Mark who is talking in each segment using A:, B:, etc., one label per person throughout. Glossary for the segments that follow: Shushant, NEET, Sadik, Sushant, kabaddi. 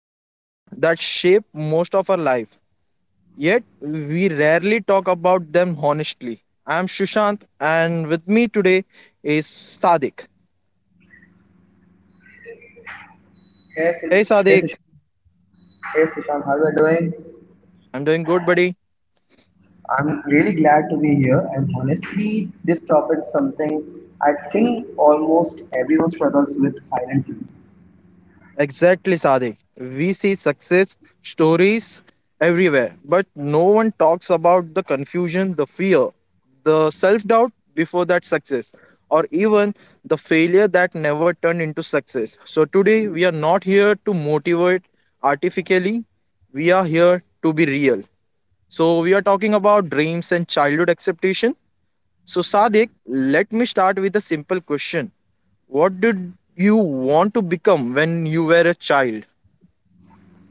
A: Three things that shape most of our life, yet we rarely talk about them honestly. I'm Shushant, and with me today is Sadik.
B: Hey, Sil-
A: Hey,
B: hey, Sush-
A: Sadik.
B: hey, Sushant, how are you doing?
A: I'm doing good, buddy.
B: I'm really glad to be here, and honestly, this topic is something I think almost everyone struggles with silently.
A: Exactly, Sadiq. We see success stories everywhere, but no one talks about the confusion, the fear, the self doubt before that success, or even the failure that never turned into success. So, today we are not here to motivate artificially, we are here to be real. So, we are talking about dreams and childhood acceptation. So, Sadiq, let me start with a simple question. What did you want to become when you were a child?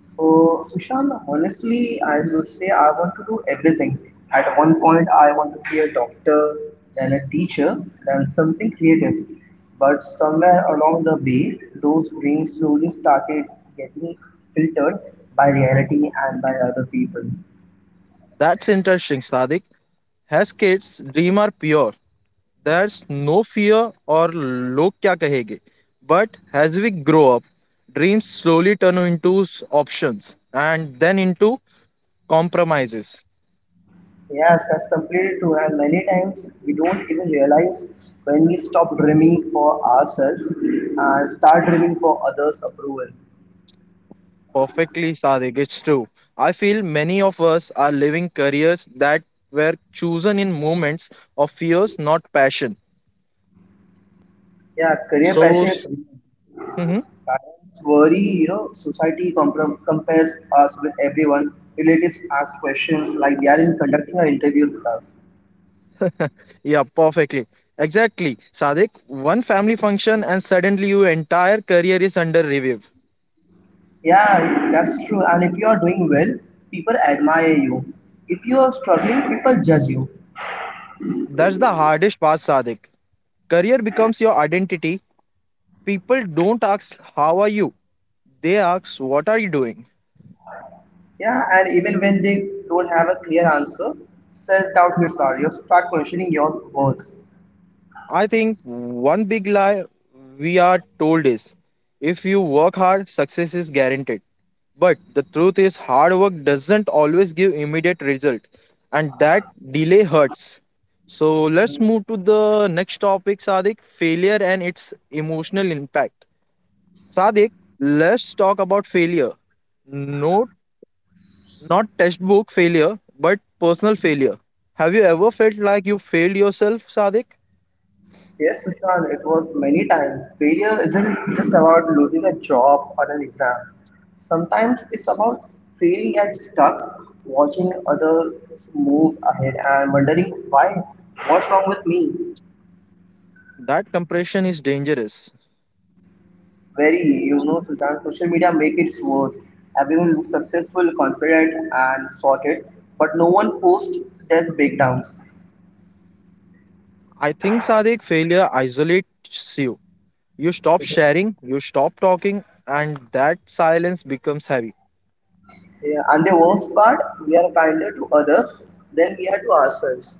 B: So, Sushant, honestly, I would say I want to do everything. At one point, I want to be a doctor, then a teacher, then something creative. But somewhere along the way, those dreams slowly started getting filtered by reality and by other people.
A: That's interesting, Sadik. Has kids dream are pure. There's no fear or log kya kahenge. But as we grow up, dreams slowly turn into options and then into compromises.
B: Yes, that's completely true. And many times we don't even realize when we stop dreaming for ourselves and start dreaming for others' approval.
A: Perfectly, Sadik. It's true. I feel many of us are living careers that were chosen in moments of fears, not passion.
B: Yeah, career
A: So,
B: pressure is real. Parents worry, society comprom compares us with everyone. Relatives ask questions like they are in conducting our interviews with us.
A: yeah, perfectly. Exactly. Sadik, one family function and suddenly your entire career is under review.
B: Yeah, that's true. And if you are doing well, people admire you. If you are struggling, people judge you.
A: That's the hardest part, Sadik. Career becomes your identity. People don't ask how are you? They ask what are you doing?
B: Yeah, and even when they don't have a clear answer, self-doubt hits hard. You start questioning your worth.
A: I think one big lie we are told is if you work hard, success is guaranteed. But the truth is, hard work doesn't always give immediate result, and that delay hurts. So let's move to the next topic, Sadik, failure and its emotional impact. Sadik, let's talk about failure. No, not textbook failure, but personal failure. Have you ever felt like you failed yourself, Sadik?
B: Yes, Sushant, it was many times. Failure isn't just about losing a job or an exam. Sometimes it's about failing and stuck, watching others move ahead and wondering, why, what's wrong with me?
A: That compression is dangerous.
B: Very, Sushant, social media make it worse. Everyone looks successful, confident, and sorted, but no one posts their breakdowns.
A: I think, sadik, failure isolates you. You stop sharing, you stop talking, and that silence becomes heavy.
B: Yeah, and the worst part, we are kinder to others than we are to ourselves.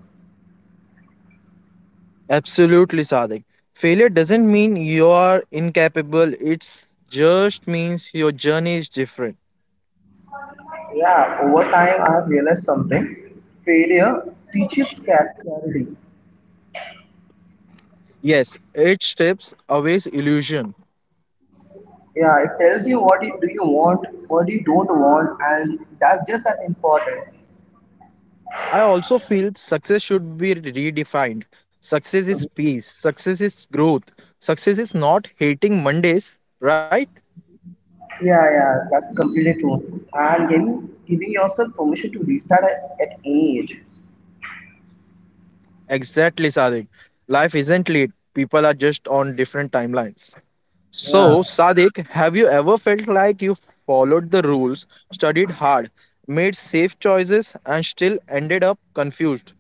A: Absolutely, sadik. Failure doesn't mean you are incapable, it's just means your journey is different.
B: Yeah, over time I have realized something. Failure teaches cat clarity.
A: Yes, it strips away illusion.
B: Yeah, it tells you do you want, what you don't want, and that's just as important.
A: I also feel success should be redefined. Success is
B: Mhm.
A: peace, success is growth, success is not hating Mondays, right?
B: Yeah, yeah, that's completely true. And giving yourself permission to restart at any age.
A: Exactly, Sadik. Life isn't lit. People are just on different timelines.
B: Yeah.
A: So, Sadik, have you ever felt like you followed the rules, studied hard, made safe choices, and still ended up confused?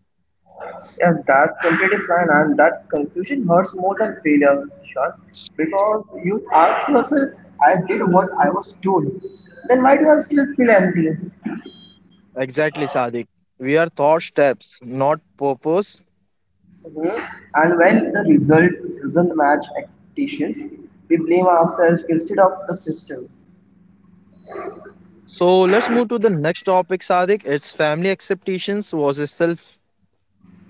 B: Yes, that's completely fine, and that confusion hurts more than failure, Sean, because you ask yourself, I did what I was told, then why do I still feel empty?
A: Exactly, Sadik. We are thought steps, not purpose.
B: Mhm. And when the result doesn't match expectations, we blame ourselves instead of the system.
A: So, let's move to the next topic, Sadik. It's family expectations versus self.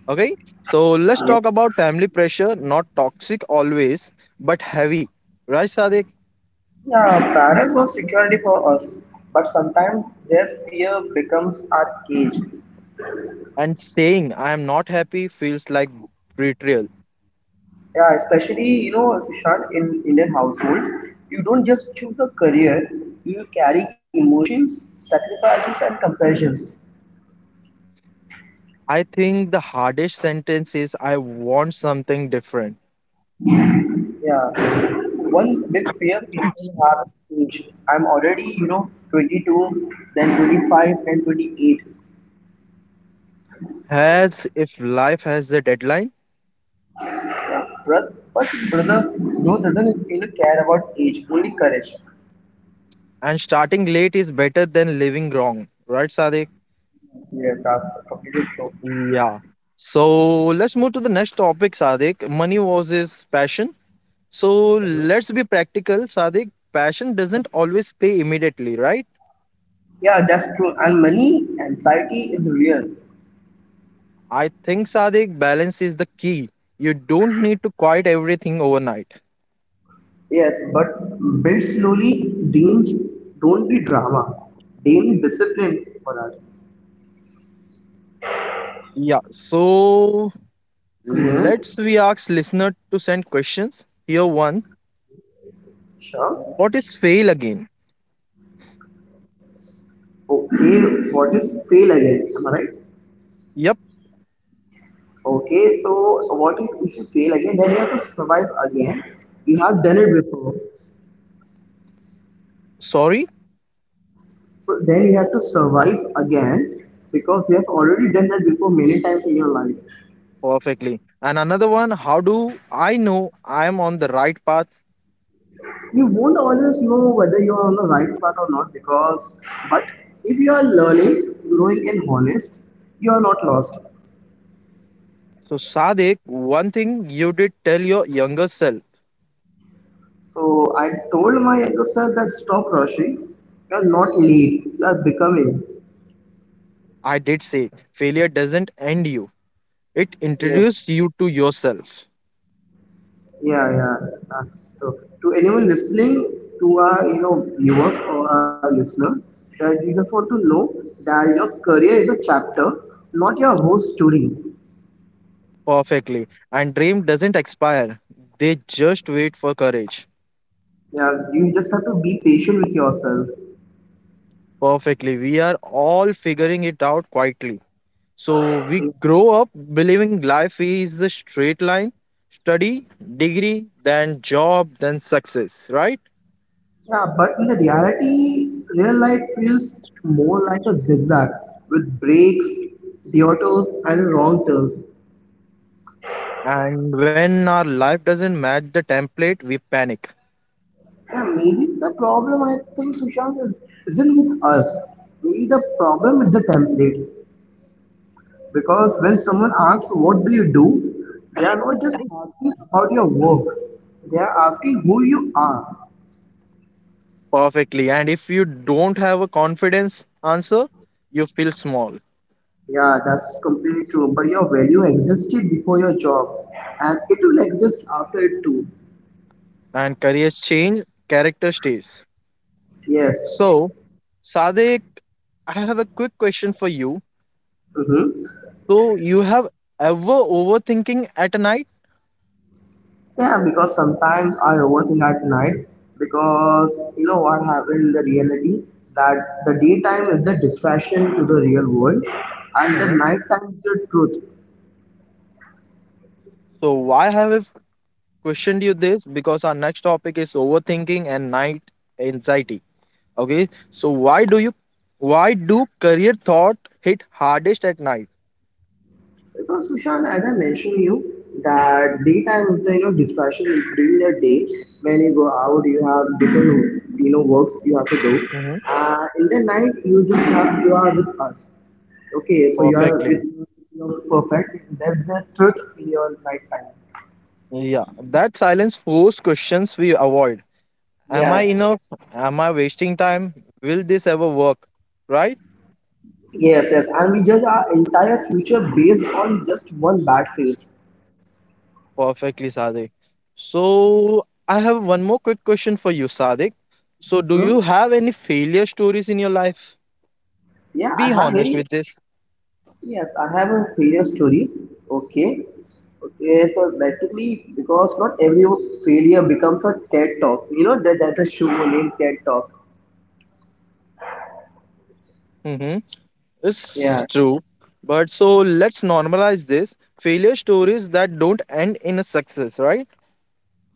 A: Okay, so let's
B: Yeah.
A: talk about family pressure, not toxic always, but heavy. Right, Sadik?
B: Yeah, parents want security for us, but sometimes their fear becomes our cage.
A: And saying I am not happy feels like betrayal.
B: Yeah, especially, Sushant, in Indian households, you don't just choose a career; you carry emotions, sacrifices, and comparisons.
A: I think the hardest sentence is I want something different.
B: Yeah, one big fear people have is age. I'm already 22, then 25, then 28.
A: As if life has a deadline,
B: Yeah, brother, but brother, no doesn't care about age, only courage.
A: and starting late is better than living wrong. Right, Sadik?
B: Yeah, that's completely true.
A: Yeah. So let's move to the next topic, Sadik. Money versus passion. So
B: Mhm.
A: let's be practical, Sadik. Passion doesn't always pay immediately, right?
B: Yeah, that's true. And money anxiety is real.
A: I think, Sadik, balance is the key. You don't need to quit everything overnight.
B: Yes, but build slowly. Dean's don't be drama. Dean discipline for us.
A: Yeah, so
B: Hmm.
A: let's we ask listener to send questions. Here one,
B: Sure.
A: what is fail again?
B: Okay, what is fail again? Am I right?
A: Yep,
B: Okay, so what if you fail again? Then you have to survive again. You have done it before.
A: sorry,
B: So then you have to survive again because you have already done that before many times in your life.
A: perfectly. And another one, how do I know I am on the right path?
B: You won't always know whether you're on the right path or not, because but if you are learning, growing, and honest, you are not lost.
A: So, Sadek, one thing you did tell your younger self.
B: So I told my younger self that stop rushing. You are not late. You are becoming.
A: I did say, failure doesn't end you. It
B: Yeah,
A: introduced you to yourself.
B: yeah, yeah. Uh, so to anyone listening to our viewers or our listener, that you just want to know that your career is a chapter, not your whole story.
A: Perfectly. And dream doesn't expire. They just wait for courage.
B: Yeah, you just have to be patient with yourself.
A: Perfectly. We are all figuring it out quietly. So we grow up believing life is a straight line, study, degree, then job, then success, right?
B: Yeah, but in the reality, real life feels more like a zigzag with breaks, detours, and wrong turns.
A: And when our life doesn't match the template, we panic.
B: Yeah, maybe the problem, I think, Sushant, is isn't with us. Maybe the problem is the template. Because when someone asks what do you do, they are not just asking about your work. They are asking who you are.
A: Perfectly. And if you don't have a confidence answer, you feel small.
B: Yeah, that's completely true. But your value existed before your job, and it will exist after it too.
A: And careers change, character stays.
B: Yes.
A: So, Sadek, I have a quick question for you.
B: Mm-hmm.
A: So, you have ever overthinking at night?
B: Yeah, because sometimes I overthink at night, because what happened in the reality, that the daytime is a distraction to the real world and the
A: Mhm.
B: nighttime is the truth.
A: So, why have questioned you this, because our next topic is overthinking and night anxiety. Okay, so why do career thought hit hardest at night?
B: Because, Sushant, as I mentioned you, that daytime is the distraction during the day, when you go out you have different works you have to do.
A: Hmm.
B: In the night you just have you are with us. Okay, so you are with
A: Perfectly.
B: your perfect. That's the truth in your lifetime.
A: Yeah, that silence force questions we avoid. Am I
B: Yeah.
A: enough? Am I wasting time? Will this ever work? Right?
B: Yes, yes. And we judge our entire future based on just one bad phase.
A: Perfectly, Sadik. So, I have one more quick question for you, Sadik. So, do
B: Hmm?
A: you have any failure stories in your life?
B: Yeah, I
A: Be
B: have
A: honest
B: very
A: with this.
B: yes, I have a failure story. Okay. Okay, so basically because not every failure becomes a TED talk. You know that that's a show named TED Talk.
A: Mm-hmm.
B: Yeah.
A: It's true. But so let's normalize this. Failure stories that don't end in a success, right?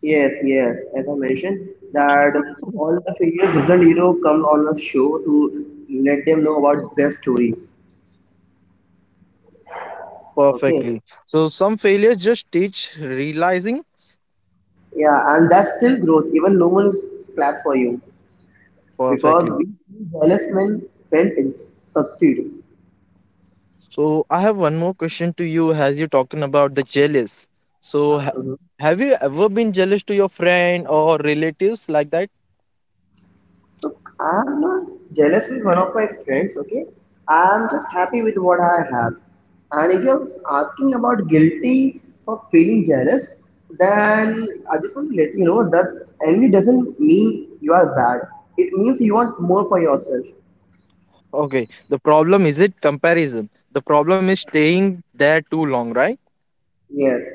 B: Yes, yes. As I mentioned, that all the failures doesn't, come on a show to let them know about their stories. Okay.
A: Perfectly. So some failures just teach realizing
B: Yeah, and that's still growth, even no one is glad for you, because
A: perfectly.
B: we see jealous men friends succeed.
A: So I have one more question to you as you're talking about the jealous. So
B: Mhm.
A: have you ever been jealous to your friend or relatives like that?
B: So I'm not jealous with one of my friends, okay? I'm just happy with what I have. And if you're asking about guilty for feeling jealous, then I just want to let you know that envy doesn't mean you are bad. It means you want more for yourself.
A: Okay. The problem is it comparison. The problem is staying there too long, right?
B: Yes.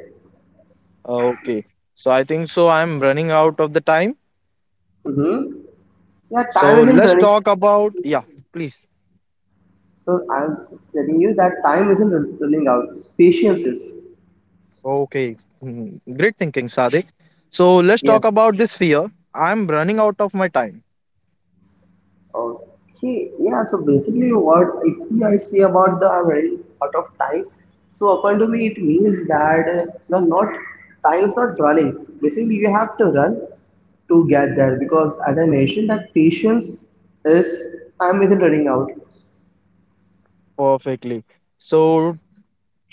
A: Okay. So I think so I'm running out of the time.
B: Mm-hmm. Yeah, time
A: So
B: isn't
A: let's
B: running.
A: talk about yeah, please.
B: So I'm telling you that time isn't running out. Patience is.
A: Okay, great thinking, Sadik. So let's
B: Yeah.
A: talk about this fear. I'm running out of my time.
B: Okay. Yeah. So basically, what if I say about the I'm running out of time? So according to me, it means that you're not time is not running. Basically, you have to run to get there because as I mentioned, that patience is time isn't running out.
A: Perfectly. So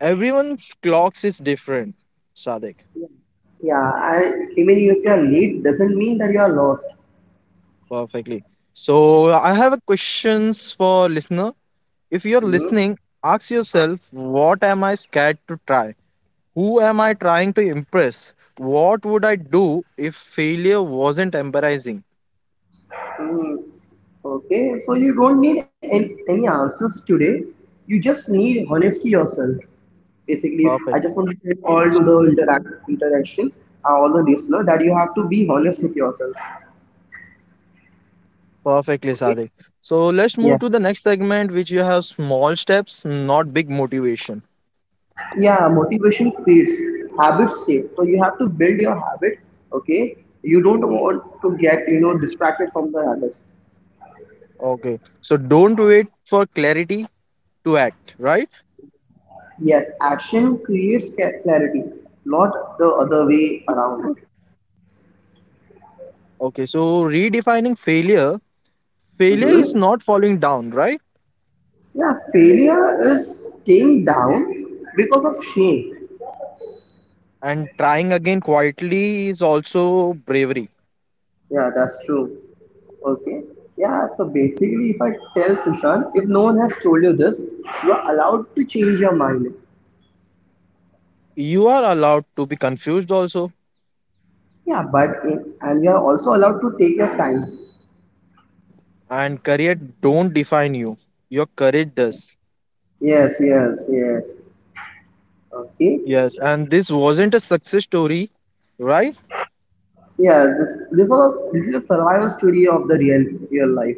A: everyone's clocks is different, Sadik.
B: Yeah. And remaining if you are late doesn't mean that you are lost.
A: Perfectly. So I have a questions for listener. If you're
B: Hmm.
A: listening, ask yourself, what am I scared to try? Who am I trying to impress? What would I do if failure wasn't embarrassing?
B: Mm, Okay, so you don't need any answers today. You just need honesty yourself. Basically, I
A: Perfect.
B: just want to say all to the interactions, all the listener, that you have to be honest with yourself.
A: Perfectly,
B: Okay.
A: Sadik. So let's
B: Yeah.
A: move to the next segment, which you have small steps, not big motivation.
B: Yeah. Motivation fades. Habits stay. So you have to build your habit. Okay. You don't want to get distracted from the habits.
A: Okay. So don't wait for clarity to act, right?
B: Yes. Action creates clarity, not the other way around.
A: Okay. So redefining failure. Failure
B: Mm-hmm.
A: is not falling down, right?
B: Yeah, failure is staying down because of shame.
A: And trying again quietly is also bravery.
B: Yeah, that's true. Okay. Yeah, so basically, if I tell Sushant, if no one has told you this, you are allowed to change your mind.
A: You are allowed to be confused also.
B: Yeah, but and you are also allowed to take your time.
A: And career don't define you. Your courage does.
B: Yes, yes, yes. Okay.
A: Yes. And this wasn't a success story, right?
B: Yeah, this is a survival story of the real life.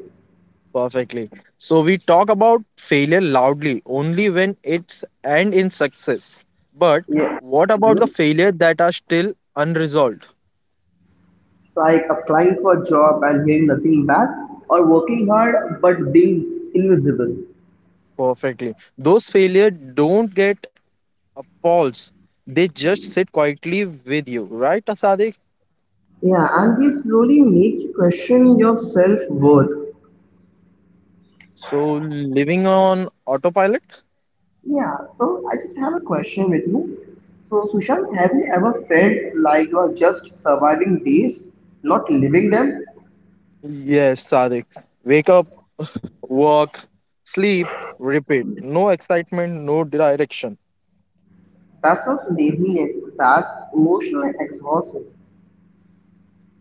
A: Perfectly. So we talk about failure loudly only when it's and in success. But
B: Yeah.
A: what about the
B: Mhm.
A: failure that are still unresolved?
B: It's like applying for a job and hearing nothing back, or working hard but being invisible.
A: Perfectly. Those failure don't get appalls. They just sit quietly with you, right, Sadik?
B: Yeah, and they slowly make you question your self worth.
A: So living on autopilot?
B: Yeah, so I just have a question with you. So, Sushant, have you ever felt like you are just surviving days, not living them?
A: Yes, Sadik. Wake up, work, sleep, repeat. No excitement, no direction.
B: That's not laziness, that's emotional exhaustion.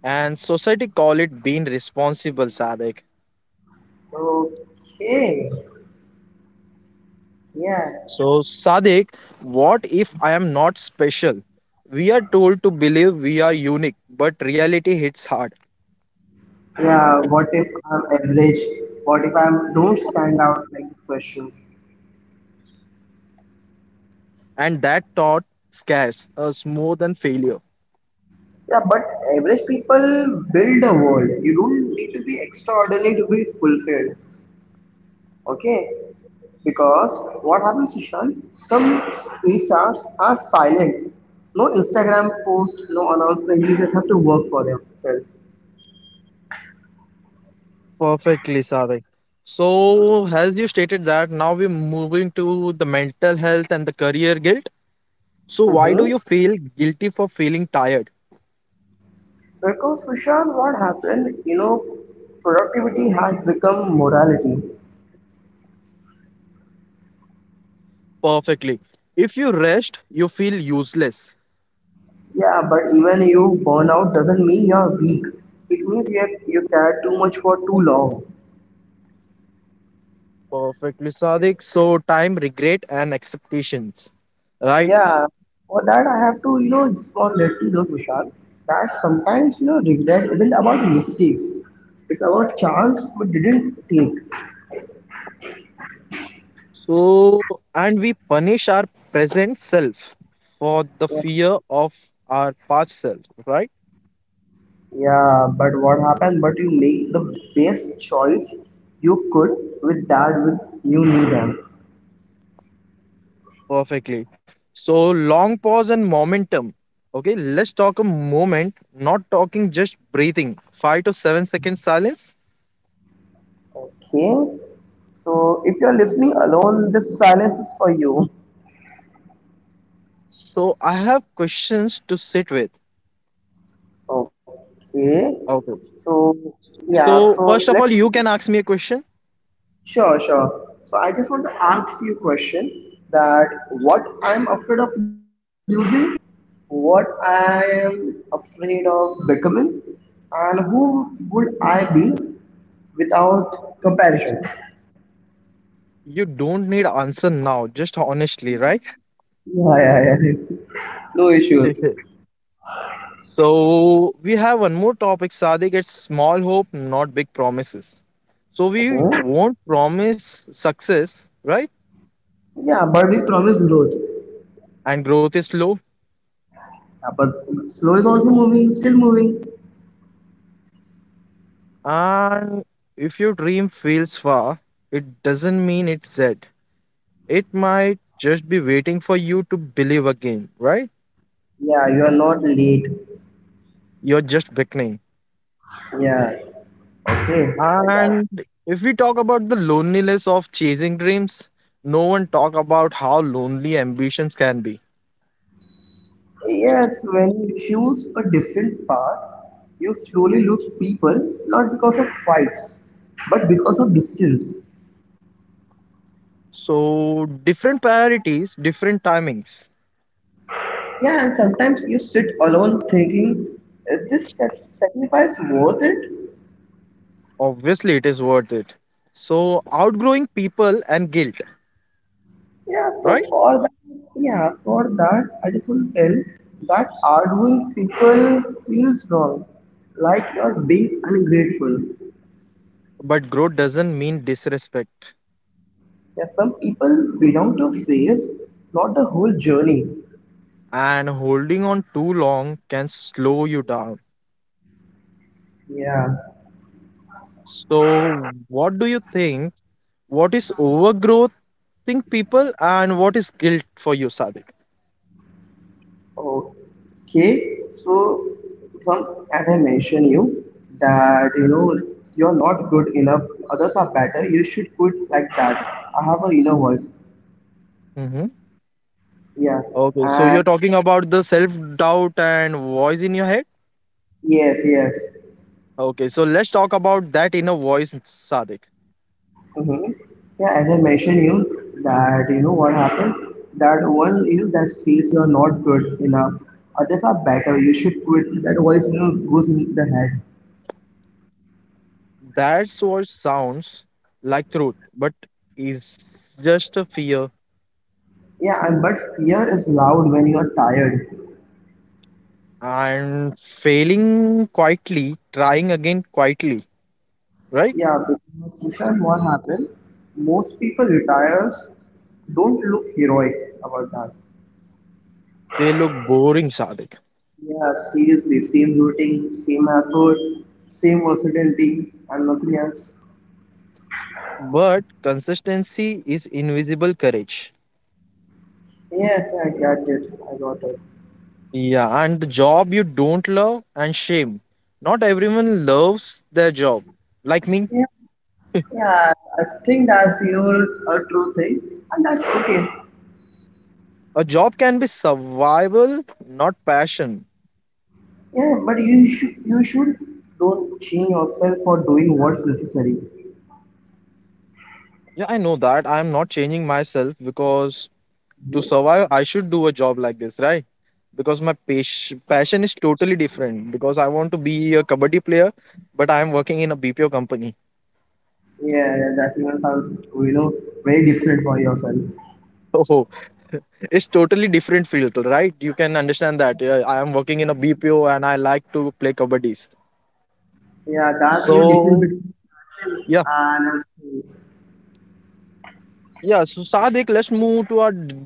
A: And society call it being responsible, Sadik.
B: Okay, yeah,
A: So, Sadiq, what if I am not special? We are told to believe we are unique, but reality hits hard,
B: yeah, what if I'm average? What if I don't stand out like these questions?
A: and that thought scares us more than failure.
B: Yeah, but average people build a world. You don't need to be extraordinary to be fulfilled. Okay, because what happens, Ishan, some resorts are silent. No Instagram post, no announcement. You just have to work for themselves.
A: Perfectly, Sadik. So, as you stated that, now we're moving to the mental health and the career guilt. So, why do
B: Mm-hmm.
A: you feel guilty for feeling tired?
B: Because, Sushant, what happened, productivity has become morality.
A: Perfectly. If you rest, you feel useless.
B: Yeah, but even you burn out doesn't mean you're weak. It means you cared too much for too long.
A: Perfectly, Sadiq. So, time, regret, and expectations. Right?
B: Yeah, for that I have to, just want to let you know, Tushar, that sometimes, regret isn't about mistakes. It's about chance we didn't take.
A: So, and we punish our present self for the
B: Yeah.
A: fear of our past self, right?
B: Yeah, but what happened? But you made the best choice you could with that with you knew them.
A: Perfectly. So, long pause and momentum. Okay, let's talk a moment, not talking, just breathing. 5 to 7 seconds silence.
B: Okay. So if you're listening alone, this silence is for you.
A: So, I have questions to sit with.
B: Okay.
A: Okay.
B: So yeah,
A: So,
B: so
A: first of
B: let
A: all, you can ask me a question.
B: Sure, sure. So I just want to ask you a question that what I'm afraid of losing, what I am afraid of becoming, and who would I be without comparison?
A: You don't need answer now, just honestly, right?
B: Yeah, yeah, yeah. No issues.
A: So we have one more topic, Sadiq. It's small hope, not big promises. So we
B: Uh-huh.
A: won't promise success, right?
B: Yeah, but we promise growth.
A: And growth is slow.
B: But slow is also moving, still moving.
A: And if your dream feels far, it doesn't mean it's dead. It might just be waiting for you to believe again, right?
B: Yeah, you are not late.
A: You're just beginning.
B: Yeah. Okay, I got.
A: And if we talk about the loneliness of chasing dreams, no one talk about how lonely ambitions can be.
B: Yes, when you choose a different path, you slowly lose people not because of fights, but because of distance.
A: So, different priorities, different timings.
B: Yeah, and sometimes you sit alone thinking, is this sacrifice worth it?
A: Obviously, it is worth it. So, outgrowing people and guilt,
B: Yeah, so
A: right?
B: for that, I just want to tell that arguing people feels wrong, like you're being ungrateful.
A: But growth doesn't mean disrespect,
B: Yeah, some people belong to a phase, not the whole journey.
A: and holding on too long can slow you down.
B: Yeah.
A: So, what do you think? What is overgrowth, think people, and what is guilt for you, Sadik?
B: Okay, so some, as I mentioned you, that you're not good enough, others are better, you should quit like that. I have a inner voice.
A: Hmm.
B: Yeah,
A: Okay, so you're
B: and
A: talking about the self doubt and voice in your head.
B: yes, yes.
A: Okay, so let's talk about that inner voice, Sadik.
B: Mm-hmm. Yeah, as I mentioned you that you know what happened. That one, that says you're not good enough, others are better, you should quit. That voice goes in the head.
A: That's what sounds like truth, but is just a fear
B: Yeah, and but fear is loud when you are tired.
A: and failing quietly, trying again quietly, right?
B: Yeah, because Kushan, what happened? Most people retires don't look heroic about that.
A: They look boring, Sadik.
B: Yeah, seriously, same routine, same effort, same versatility, and nothing else.
A: But consistency is invisible courage.
B: Yes, I got it. I got it.
A: Yeah, and the job you don't love and shame. Not everyone loves their job. Like me,
B: Yeah, yeah. I think that's your a true thing, and that's okay.
A: a job can be survival, not passion.
B: Yeah, but you should don't change yourself for doing what's necessary.
A: Yeah, I know that. I'm not changing myself because to
B: Yeah,
A: survive I should do a job like this, right? Because my passion is totally different, because I want to be a kabaddi player, but I am working in a bpo company.
B: yeah, that even sounds you know very different for yourself.
A: So it's totally different field, right? You can understand that. I am working in a bpo and I like to play kabaddis.
B: Yeah, that's the difference
A: So
B: between passion and stress.
A: yeah, yeah, so sadik let's move to our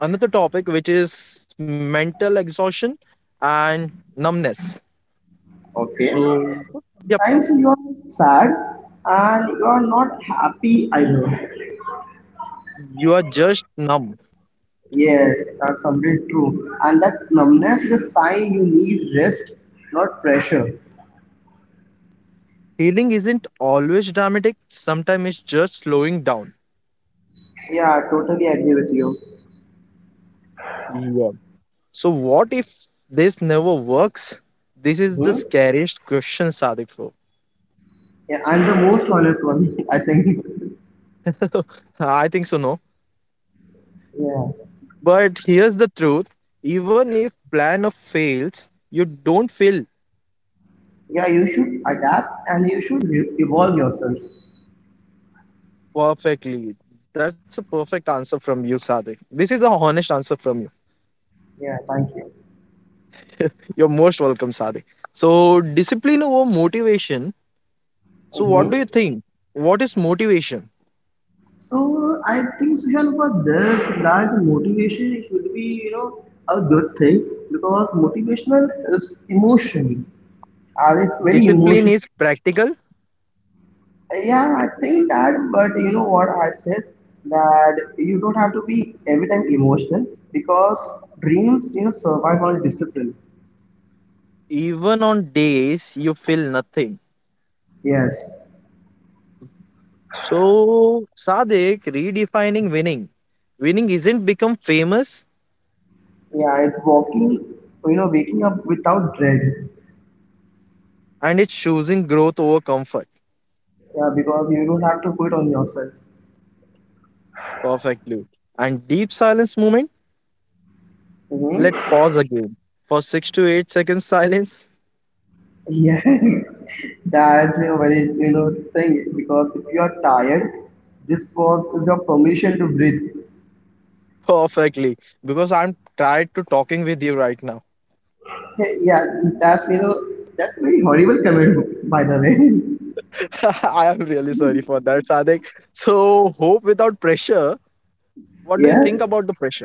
A: another topic, which is mental exhaustion and numbness.
B: Okay.
A: So yep,
B: Sometimes you are sad and you are not happy either.
A: you are just numb.
B: Yes, that's somewhat true. And that numbness is a sign you need rest, not pressure.
A: Healing isn't always dramatic, sometimes it's just slowing down.
B: Yeah, totally agree with you.
A: Yeah. So, what if this never works? This is the
B: hmm
A: scariest question, Sadifro.
B: Yeah, I'm the most honest one, I think.
A: I think so, no.
B: Yeah.
A: But here's the truth, even if plan of fails, you don't fail
B: Yeah, you should adapt and you should evolve yourself.
A: perfectly. That's a perfect answer from you, Sadik. This is the honest answer from you.
B: Yeah, thank you.
A: You're most welcome, Sadik. So, discipline over motivation. So, what
B: Mm-hmm.
A: do you think? What is motivation?
B: So I think Sushant for this that motivation it should be a good thing because motivational is emotion and it's very
A: Discipline
B: emotional.
A: is practical,
B: Yeah, I think that, but you know what I said that you don't have to be every time emotional because dreams survive on discipline.
A: even on days you feel nothing.
B: Yes.
A: So, Sadik, redefining winning. Winning isn't become famous,
B: Yeah, it's walking you know waking up without dread.
A: and it's choosing growth over comfort.
B: Yeah, because you don't have to quit on yourself.
A: Perfectly. And deep silence movement, let
B: Mm-hmm.
A: pause again for 6 to 8 seconds silence.
B: Yeah, that's a very thing because if you are tired, this pause is your permission to breathe.
A: Perfectly. Because I'm tired to talking with you right now.
B: Yeah, that's you know that's very horrible comment by the way.
A: I am really sorry for that, Sadik. So, hope without pressure. What do you think
B: Yeah,
A: about the pressure?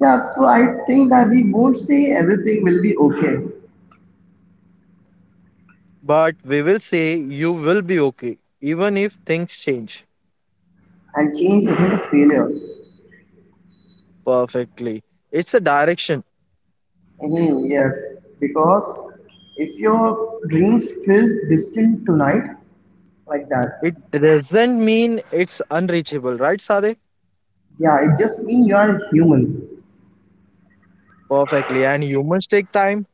B: yeah. So I think that we won't say everything will be okay,
A: But we will say you will be okay, even if things change.
B: and change isn't a failure.
A: Perfectly. It's a direction.
B: Yes, because if your dreams feel distant tonight like that,
A: It doesn't mean it's unreachable, right, Sade?
B: yeah, it just means you are human.
A: Perfectly. And humans take time.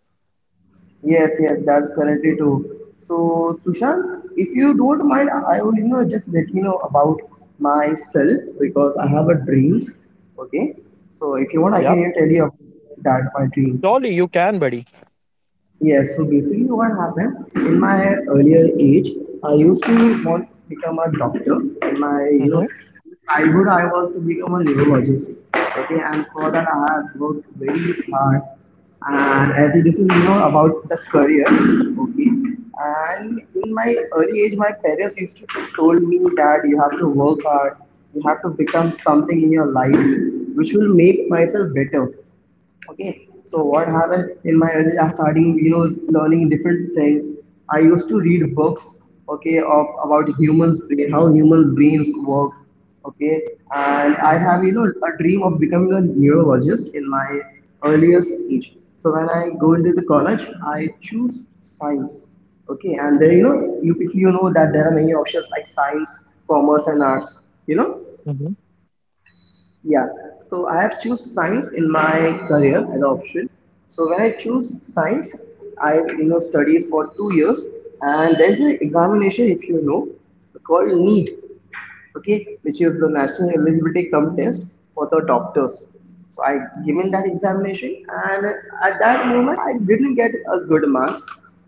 B: Yes, yes, that's currently too. So, Sushant, if you don't mind, I would just let you know about myself because I have a dreams. Okay, so if you want, I
A: Yep.
B: can tell you about that my dream.
A: Surely you can, buddy.
B: Yes, so basically what happened in my earlier age, I used to want to become a doctor. In my
A: Mm-hmm.
B: childhood, I was to become a neurologist. Okay, and for that I have worked very hard. And I think this is about the career. Okay, and in my early age, my parents used to told me that you have to work hard, you have to become something in your life which will make myself better. Okay, so what happened in my early starting videos, learning different things, I used to read books, okay, of about humans brain, how humans brains work, okay, and I
A: Mm-hmm.
B: have a dream of becoming a neurologist in my earlier stage. So when I go into the college, I choose science, okay, and then you if you know that there are many options like science, commerce, and arts, you know
A: Mm-hmm.
B: yeah, so I have choose science in my career as an option. So when I choose science, I studied for 2 years, and there is an examination if you know called NEET, okay, which is the national eligibility cum test for the doctors. So I given that examination, and at that moment I didn't get a good marks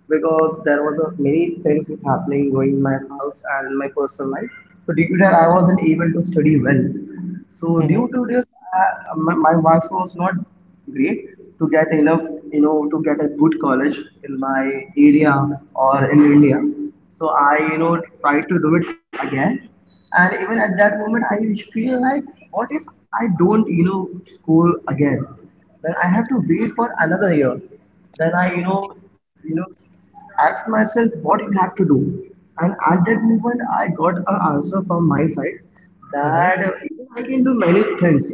B: because there was a, many things happening going in my house and in my personal life. So due to that I wasn't able to study well. So due
A: Mm-hmm.
B: to this my marks was not great to get enough to get a good college in my area or in India. So I tried to do it again, and even at that moment I feel like, what if I don't score again? Then I have to wait for another year. Then I you know ask myself, what you have to do? And at that moment I got an answer from my side
A: Mm-hmm.
B: that I can do many things.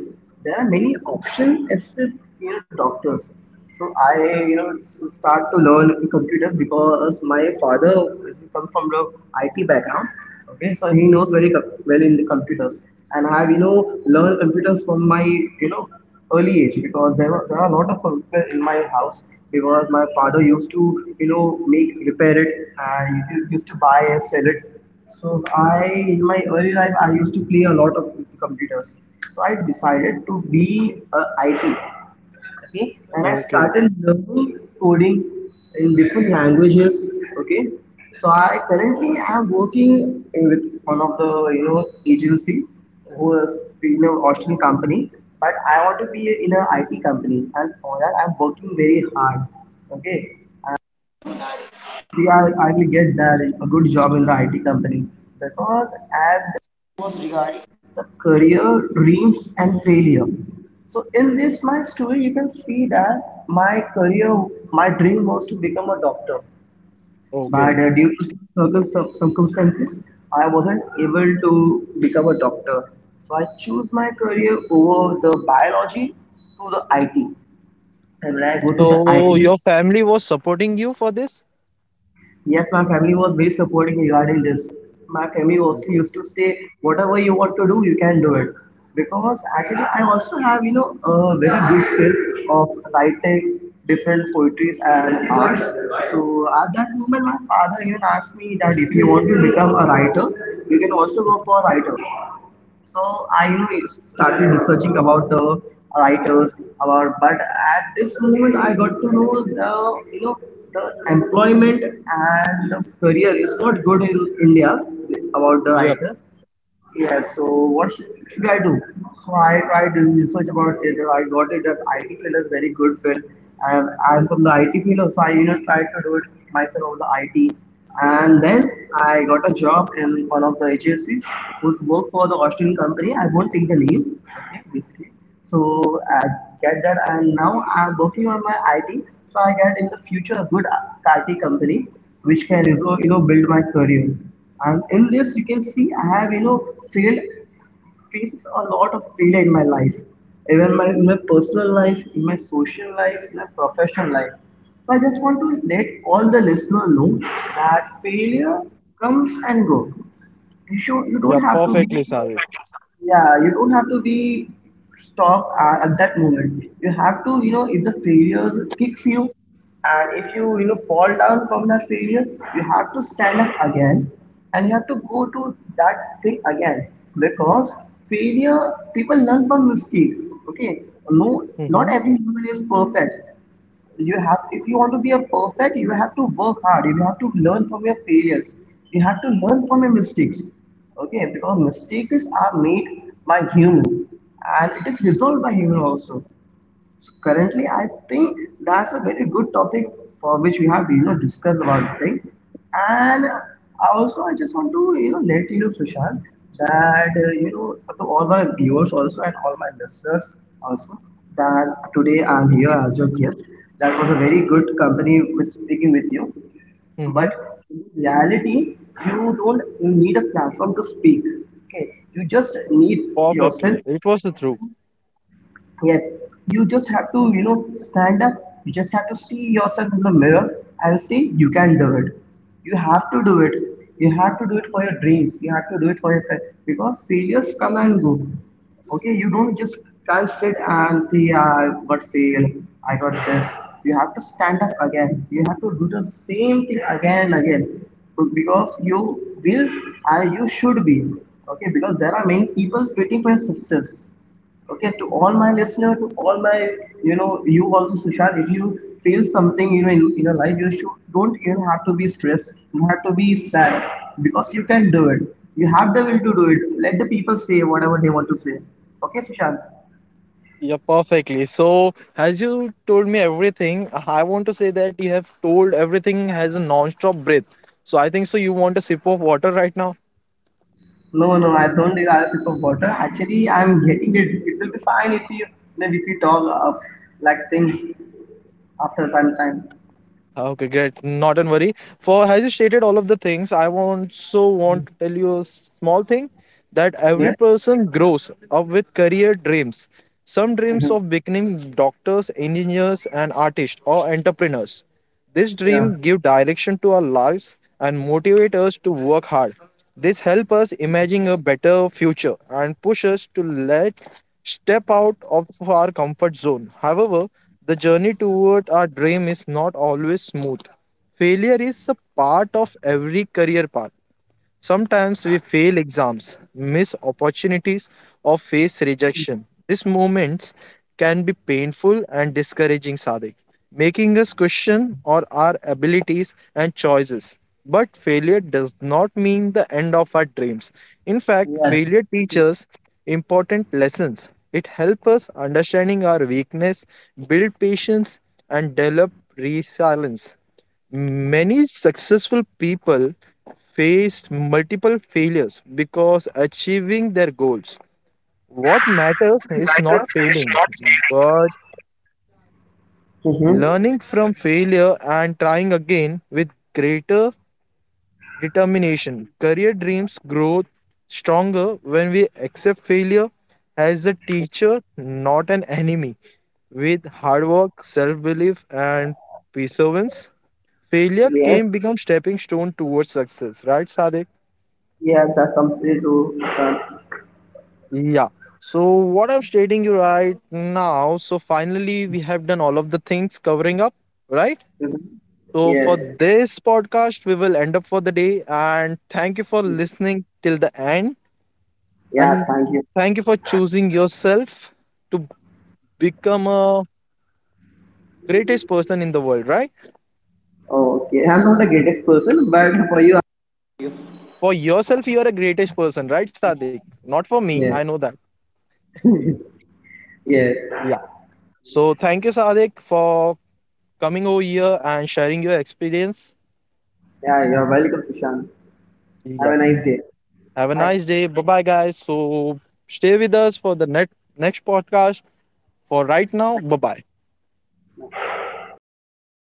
B: There are many options except doctors. So I, start to learn computers because my father comes from the IT background. Okay, so he knows very well in the computers, and I have, learned computers from my, you know, early age because there are a lot of computers in my house because my father used to, you know, make repair it and he used to buy and sell it. So I, in my early life, I used to play a lot of computers. So I decided to be a IT, okay, and I
A: Okay.
B: started learning coding in different languages. Okay, so I currently am working with one of the you know agency who is Austrian company, but I want to be in a IT company, and for that I'm working very hard. Okay, yeah, I will get that a good job in the IT company because as the was regarding the career dreams and failure. So in this my story, you can see that my career, my dream was to become a doctor, but
A: Okay.
B: due to certain circumstances, I wasn't able to become a doctor. So I choose my career over the biology to the IT. And when I go to the
A: So
B: IT,
A: your family was supporting you for this?
B: yes, my family was very supporting regarding this. My family also
A: Okay.
B: used to say, whatever you want to do, you can do it. Because actually, I also have, a very good skill of writing different poetries and arts. So at that moment, my father even asked me that if you want to become a writer, you can also go for a writer. So I started researching about the writers, about, but at this moment I got to know the the employment and the career is not good in India about the
A: Yep.
B: writers. Yeah, so what should I do? So I tried doing research about it. I got it that IT field is very good field, and I'm from the IT field, so I tried to do it myself on the IT. And then I got a job in one of the agencies who work for the Austrian company. I won't take the name, okay, basically. So I get that, and now I'm working on my IT. So I get in the future a good IT company which can build my career, and in this you can see I have failed faces a lot of failure in my life, even in my personal life, in my social life, in my professional life. So I just want to let all the listener know that failure comes and goes. You
A: Yeah,
B: don't have to be,
A: perfectly, Sade.
B: yeah, you don't have to be stop at that moment. You have to if the failures kicks you, and if you you know fall down from that failure, you have to stand up again, and you have to go to that thing again. Because failure, people learn from mistake, okay? No,
A: Mm-hmm.
B: not every human is perfect. You have, if you want to be a perfect, you have to work hard. You have to learn from your failures, you have to learn from your mistakes. Okay, because mistakes are made by human, and it is resolved by human also. So currently, I think that's a very good topic for which we have discussed about the thing. And I also I just want to let you know, Sushant, that to all my viewers also and all my listeners also, that today I'm here as your guest. That was a very good company with speaking with you.
A: Mm-hmm.
B: But in reality, you don't need a platform to speak. Okay, you just need yourself.
A: Perfectly. It was the truth.
B: Yes, you just have to, stand up. You just have to see yourself in the mirror and say, you can do it. You have to do it. You have to do it for your dreams. You have to do it for your because failures come and go. Okay, you don't just can't sit and say, I got fail, I got this. You have to stand up again. You have to do the same thing again and again because you will and you should be. Okay, because there are many people waiting for your success. Okay, to all my listener, to all my, you also, Sushant, if you feel something, in your life, you should, don't even have to be stressed. You have to be sad because you can do it. You have the will to do it. Let the people say whatever they want to say. Okay, Sushant?
A: Yeah, perfectly. So, as you told me everything, I want to say that you have told everything has a non-stop breath. So, I think so you want a sip of water right now?
B: No, no, I don't need another sip of water. Actually, I'm getting it. It will be fine if you, maybe if you talk like things after some time.
A: Okay, great. Not an worry. For as you stated all of the things, I also want to tell you a small thing that every
B: Yeah?
A: person grows up with career dreams. Some dreams
B: Hmm.
A: of becoming doctors, engineers, and artists or entrepreneurs. This
B: Yeah.
A: dream give direction to our lives and motivate us to work hard. This helps us imagine a better future and push us to let step out of our comfort zone. However, the journey toward our dream is not always smooth. Failure is a part of every career path. Sometimes we fail exams, miss opportunities, or face rejection. These moments can be painful and discouraging, Sadik, making us question or our abilities and choices. But failure does not mean the end of our dreams. In fact,
B: Yeah.
A: failure teaches important lessons. It helps us understanding our weakness, build patience, and develop resilience. Many successful people faced multiple failures because achieving their goals. What matters is
B: Matter
A: not
B: is
A: failing,
B: not
A: but
B: feeling.
A: learning from failure and trying again with greater determination. Career dreams grow stronger when we accept failure as a teacher, not an enemy. With hard work, self belief, and perseverance, failure
B: Yes,
A: can become stepping stone towards success, right, Sadik?
B: yeah, the company to
A: Yeah. So what I'm stating you right now, so finally we have done all of the things covering up, right?
B: the
A: So for
B: yes,
A: this podcast, we will end up for the day, and thank you for listening till the end
B: yeah,
A: and
B: thank you.
A: thank you for choosing yourself to become a greatest person in the world, right?
B: Okay, I'm not the greatest person, but for you,
A: For yourself, you are a greatest person, right, Sadik? Not for me,
B: yeah,
A: I know that.
B: yeah,
A: Yeah. So thank you, Sadik, for coming over here and sharing your experience.
B: yeah, you're welcome, Sushant. Have a
A: Yep.
B: nice day.
A: Have a
B: Bye.
A: nice day. Bye bye, guys. So stay with us for the next podcast. For right now, bye bye.